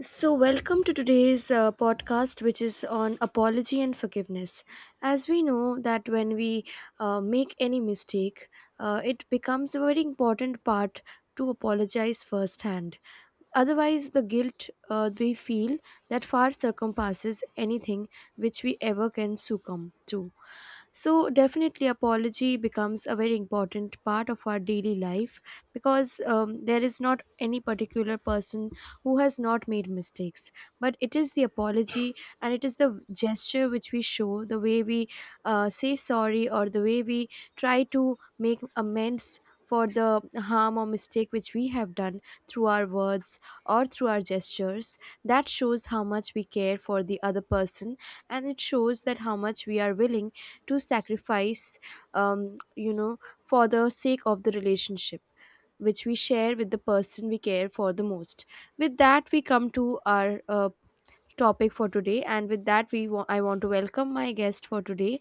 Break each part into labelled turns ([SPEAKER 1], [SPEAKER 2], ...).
[SPEAKER 1] So, welcome to today's podcast, which is on apology and forgiveness. As we know that when we make any mistake, it becomes a very important part to apologize firsthand. Otherwise, the guilt we feel that far circumpasses anything which we ever can succumb to. So definitely, apology becomes a very important part of our daily life because there is not any particular person who has not made mistakes, but it is the apology, and it is the gesture which we show, the way we say sorry, or the way we try to make amends for the harm or mistake which we have done through our words or through our gestures, that shows how much we care for the other person, and it shows that how much we are willing to sacrifice, um, you know for the sake of the relationship which we share with the person we care for the most. With that, we come to our topic for today, and with that, I want to welcome my guest for today,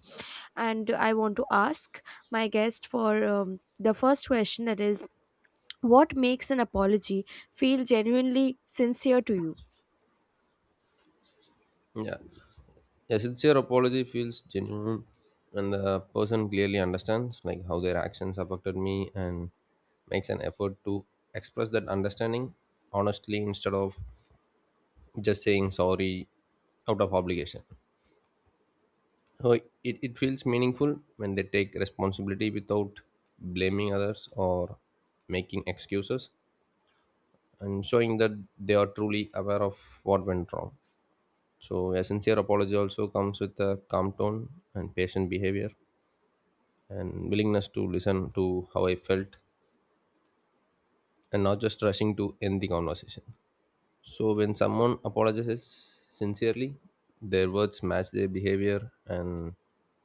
[SPEAKER 1] and I want to ask my guest for the first question, that is, what makes an apology feel genuinely sincere to you?
[SPEAKER 2] Yeah. A sincere apology feels genuine when the person clearly understands like how their actions affected me and makes an effort to express that understanding honestly instead of just saying sorry out of obligation. So it feels meaningful when they take responsibility without blaming others or making excuses and showing that they are truly aware of what went wrong. So a sincere apology also comes with a calm tone and patient behavior and willingness to listen to how I felt and not just rushing to end the conversation. So, when someone apologizes sincerely, their words match their behavior and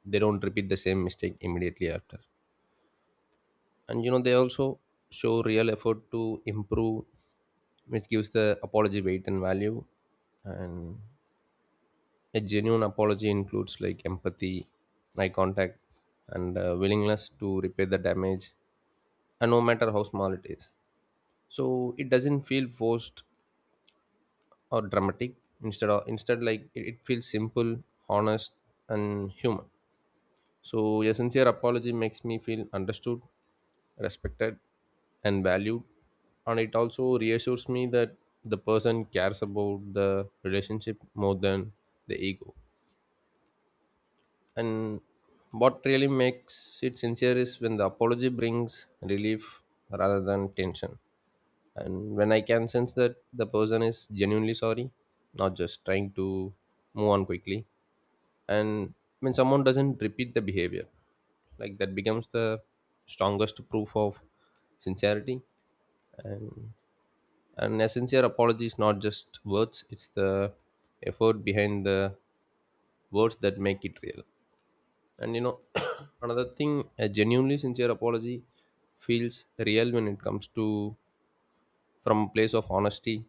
[SPEAKER 2] they don't repeat the same mistake immediately after. And you know, they also show real effort to improve, which gives the apology weight and value. And a genuine apology includes like empathy, eye contact, and willingness to repair the damage, and no matter how small it is. So it doesn't feel forced or dramatic instead like it feels simple, honest, and human. So a sincere apology makes me feel understood, respected, and valued, and it also reassures me that the person cares about the relationship more than the ego. And what really makes it sincere is when the apology brings relief rather than tension, and when I can sense that the person is genuinely sorry, not just trying to move on quickly. And when someone doesn't repeat the behavior, like that becomes the strongest proof of sincerity. And a sincere apology is not just words, it's the effort behind the words that make it real. And you know, another thing, a genuinely sincere apology feels real when it comes to, from a place of honesty,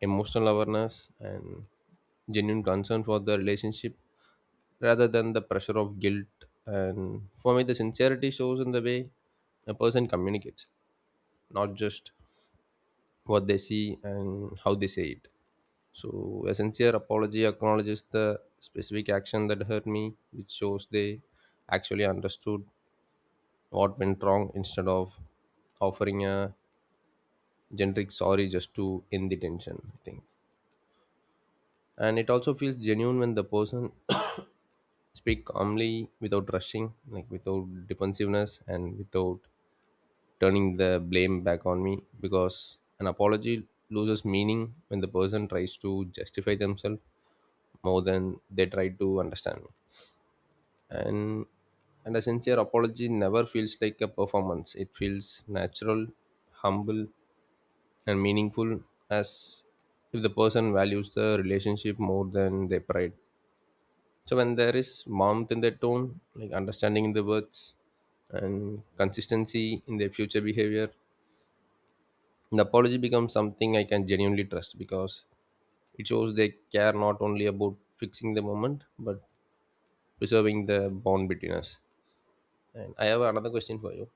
[SPEAKER 2] emotional awareness, and genuine concern for the relationship rather than the pressure of guilt. And for me, the sincerity shows in the way a person communicates, not just what they see and how they say it. So, a sincere apology acknowledges the specific action that hurt me, which shows they actually understood what went wrong instead of offering a generic sorry just to end the tension. I think. And it also feels genuine when the person speak calmly without rushing, like without defensiveness and without turning the blame back on me, because an apology loses meaning when the person tries to justify themselves more than they try to understand me. And a sincere apology never feels like a performance. It feels natural, humble, and meaningful, as if the person values the relationship more than their pride. So when there is warmth in their tone, like understanding in the words and consistency in their future behavior, the apology becomes something I can genuinely trust, because it shows they care not only about fixing the moment but preserving the bond between us. And I have another question for you.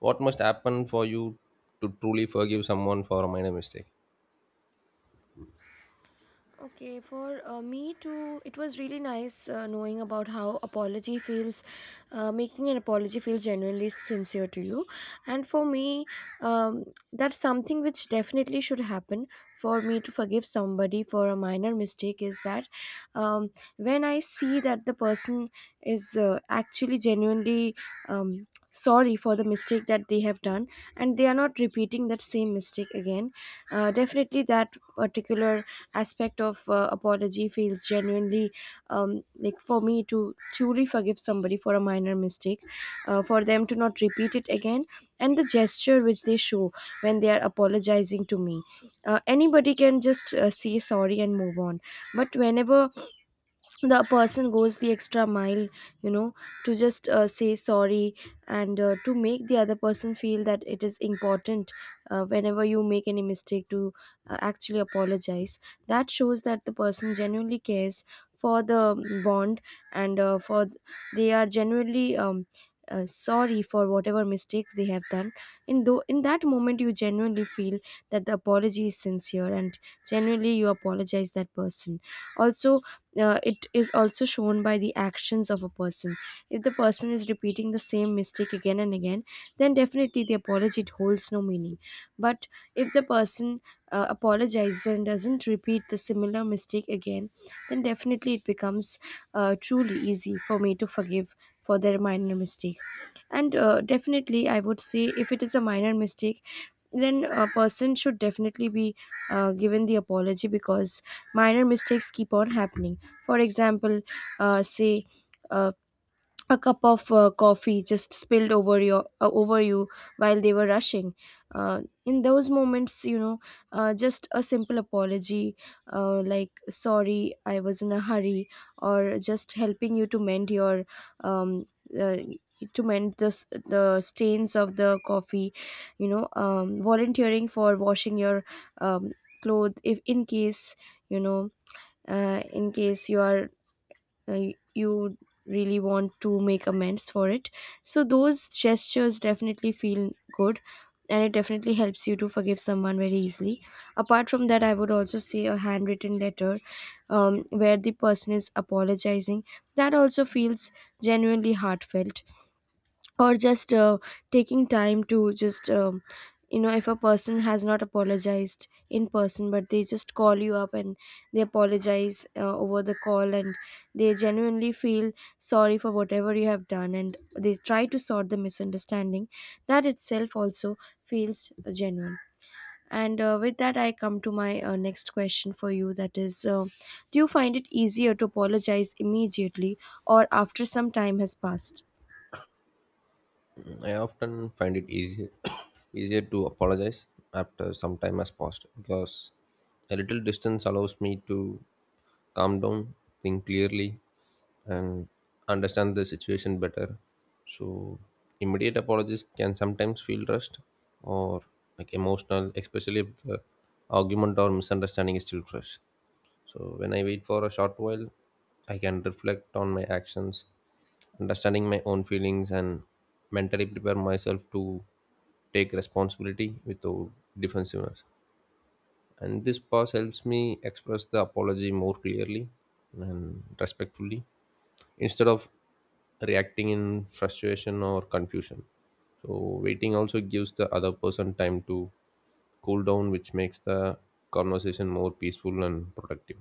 [SPEAKER 2] What must happen for you to truly forgive someone for a minor mistake?
[SPEAKER 1] Okay, for me too, it was really nice knowing about how apology feels, making an apology feels genuinely sincere to you. And for me, um, that's something which definitely should happen for me to forgive somebody for a minor mistake, is that um, when I see that the person is actually genuinely Um, sorry for the mistake that they have done, and they are not repeating that same mistake again, definitely that particular aspect of apology feels genuinely like, for me to truly forgive somebody for a minor mistake, for them to not repeat it again, and the gesture which they show when they are apologizing to me. Uh, anybody can just say sorry and move on, but whenever the person goes the extra mile, you know, to just say sorry, and to make the other person feel that it is important, whenever you make any mistake, to actually apologize, that shows that the person genuinely cares for the bond, and for they are genuinely sorry for whatever mistake they have done. In that moment, you genuinely feel that the apology is sincere, and genuinely you apologize that person also. Uh, it is also shown by the actions of a person. If the person is repeating the same mistake again and again, then definitely the apology holds no meaning. But if the person apologizes and doesn't repeat the similar mistake again, then definitely it becomes truly easy for me to forgive for their minor mistake. And definitely, I would say, if it is a minor mistake, then a person should definitely be given the apology, because minor mistakes keep on happening. For example, say, uh, a cup of coffee just spilled over your over you while they were rushing. Uh, in those moments, you know, just a simple apology, like, sorry, I was in a hurry, or just helping you to mend your um, uh, to mend the stains of the coffee, you know, volunteering for washing your um, clothes, if in case, you know, in case you are uh, you really want to make amends for it. So those gestures definitely feel good, and it definitely helps you to forgive someone very easily. Apart from that, I would also say a handwritten letter, where the person is apologizing, that also feels genuinely heartfelt. Or just taking time to just you know, if a person has not apologized in person, but they just call you up and they apologize over the call, and they genuinely feel sorry for whatever you have done, and they try to sort the misunderstanding, that itself also feels genuine. And with that, I come to my next question for you, that is, do you find it easier to apologize immediately or after some time has passed?
[SPEAKER 2] I often find it easier easier to apologize after some time has passed, because a little distance allows me to calm down, think clearly, and understand the situation better. So immediate apologies can sometimes feel rushed or like emotional, especially if the argument or misunderstanding is still fresh. So when I wait for a short while, I can reflect on my actions, understanding my own feelings, and mentally prepare myself to take responsibility without defensiveness. And this pause helps me express the apology more clearly and respectfully instead of reacting in frustration or confusion. So, waiting also gives the other person time to cool down, which makes the conversation more peaceful and productive.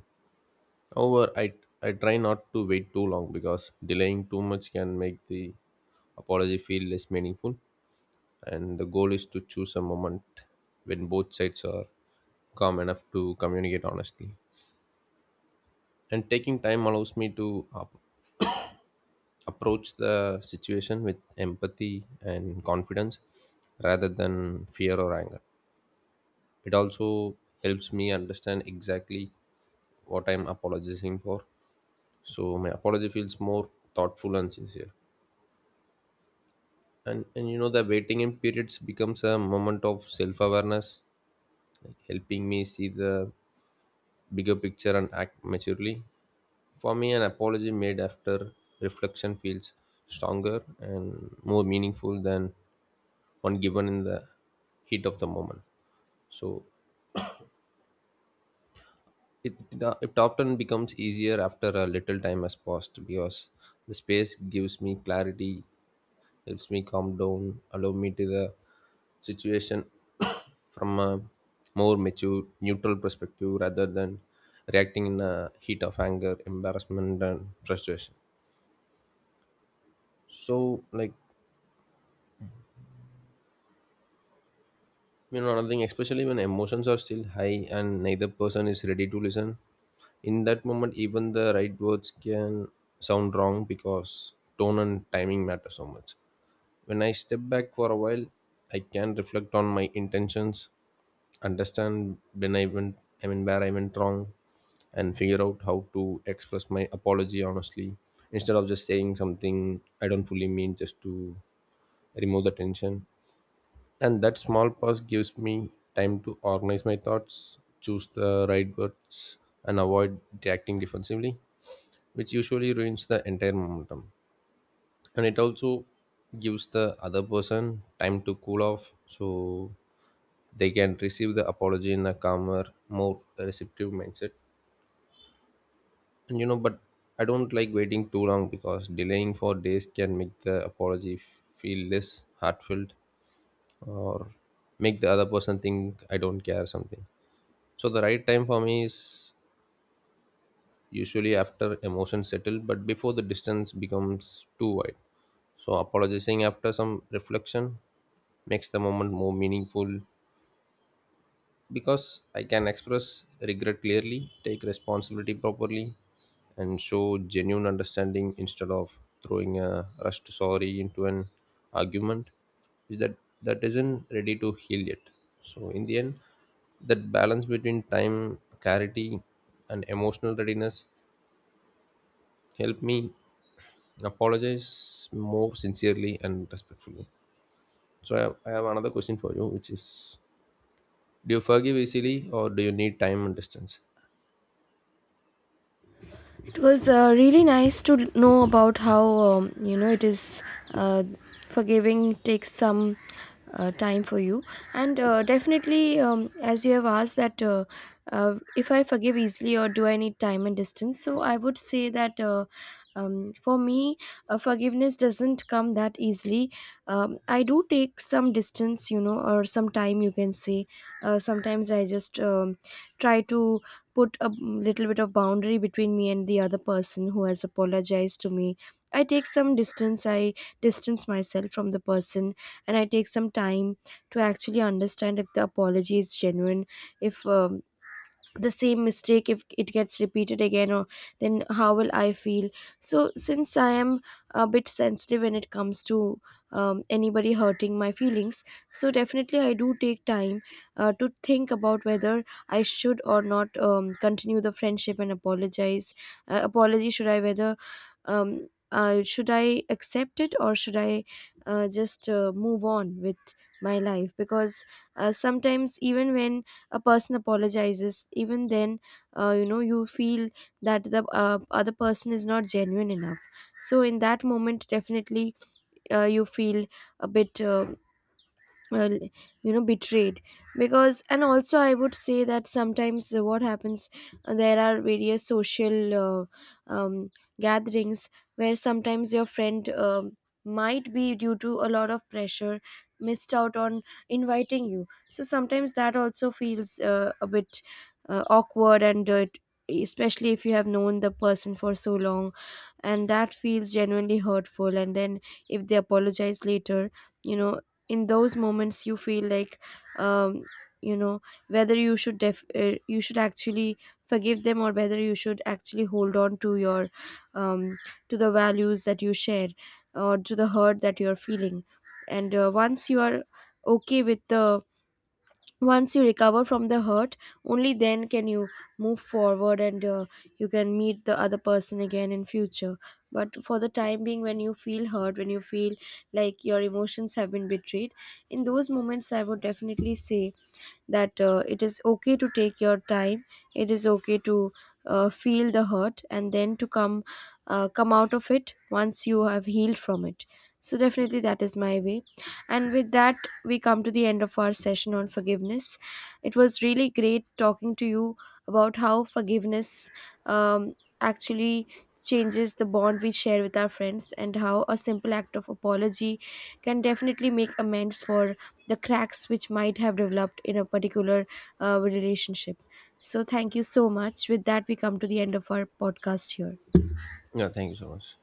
[SPEAKER 2] However, I try not to wait too long because delaying too much can make the apology feel less meaningful. And the goal is to choose a moment when both sides are calm enough to communicate honestly. And taking time allows me to approach the situation with empathy and confidence rather than fear or anger. It also helps me understand exactly what I'm apologizing for. So my apology feels more thoughtful and sincere. And you know, the waiting in periods becomes a moment of self-awareness, like helping me see the bigger picture and act maturely. For me, an apology made after reflection feels stronger and more meaningful than one given in the heat of the moment. So it it often becomes easier after a little time has passed, because the space gives me clarity, helps me calm down, allow me to the situation from a more mature, neutral perspective rather than reacting in a heat of anger, embarrassment, and frustration. So, like, you know, another thing, especially when emotions are still high and neither person is ready to listen, in that moment, even the right words can sound wrong because tone and timing matter so much. When I step back for a while, I can reflect on my intentions, understand when I went, I mean, where I went wrong, and figure out how to express my apology honestly instead of just saying something I don't fully mean just to remove the tension. And that small pause gives me time to organize my thoughts, choose the right words, and avoid reacting defensively, which usually ruins the entire momentum. And it also gives the other person time to cool off so they can receive the apology in a calmer, more receptive mindset. And you know, but I don't like waiting too long because delaying for days can make the apology feel less heartfelt, or make the other person think I don't care something. So the right time for me is usually after emotions settle but before the distance becomes too wide. So, apologizing after some reflection makes the moment more meaningful, because I can express regret clearly, take responsibility properly, and show genuine understanding instead of throwing a rushed sorry into an argument that isn't ready to heal yet. So, in the end, that balance between time, clarity, and emotional readiness helped me apologize more sincerely and respectfully. So I have another question for you, which is, do you forgive easily or do you need time and distance?
[SPEAKER 1] It was really nice to know about how, you know, it is uh, forgiving takes some time for you, and definitely, as you have asked that, if I forgive easily or do I need time and distance, so I would say that. For me, forgiveness doesn't come that easily. I do take some distance, you know, or some time, you can say. Sometimes I just try to put a little bit of boundary between me and the other person who has apologized to me. I take some distance, I distance myself from the person, and I take some time to actually understand if the apology is genuine, if the same mistake, if it gets repeated again, or then how will I feel. So, since I am a bit sensitive when it comes to anybody hurting my feelings, so definitely I do take time to think about whether I should or not continue the friendship and apologize. Uh, apology, should I, whether should I accept it, or should I just move on with my life. Because sometimes even when a person apologizes, even then, you know, you feel that the other person is not genuine enough. So in that moment, definitely you feel a bit uh, you know, betrayed because. And also, I would say that sometimes, what happens, there are various social um, gatherings where sometimes your friend, might be due to a lot of pressure, missed out on inviting you. So sometimes that also feels a bit awkward, and especially if you have known the person for so long, and that feels genuinely hurtful. And then if they apologize later, you know, in those moments you feel like, um, you know, whether you should you should actually forgive them, or whether you should actually hold on to your um, to the values that you share, or to the hurt that you are feeling. And once you are okay with the once you recover from the hurt, only then can you move forward, and you can meet the other person again in future. But for the time being, when you feel hurt, when you feel like your emotions have been betrayed, in those moments I would definitely say that it is okay to take your time, it is okay to feel the hurt, and then to come come out of it once you have healed from it. So definitely that is my way. And with that, we come to the end of our session on forgiveness. It was really great talking to you about how forgiveness um, actually changes the bond we share with our friends, and how a simple act of apology can definitely make amends for the cracks which might have developed in a particular relationship. So thank you so much. With that, we come to the end of our podcast here.
[SPEAKER 2] Yeah, thank you so much.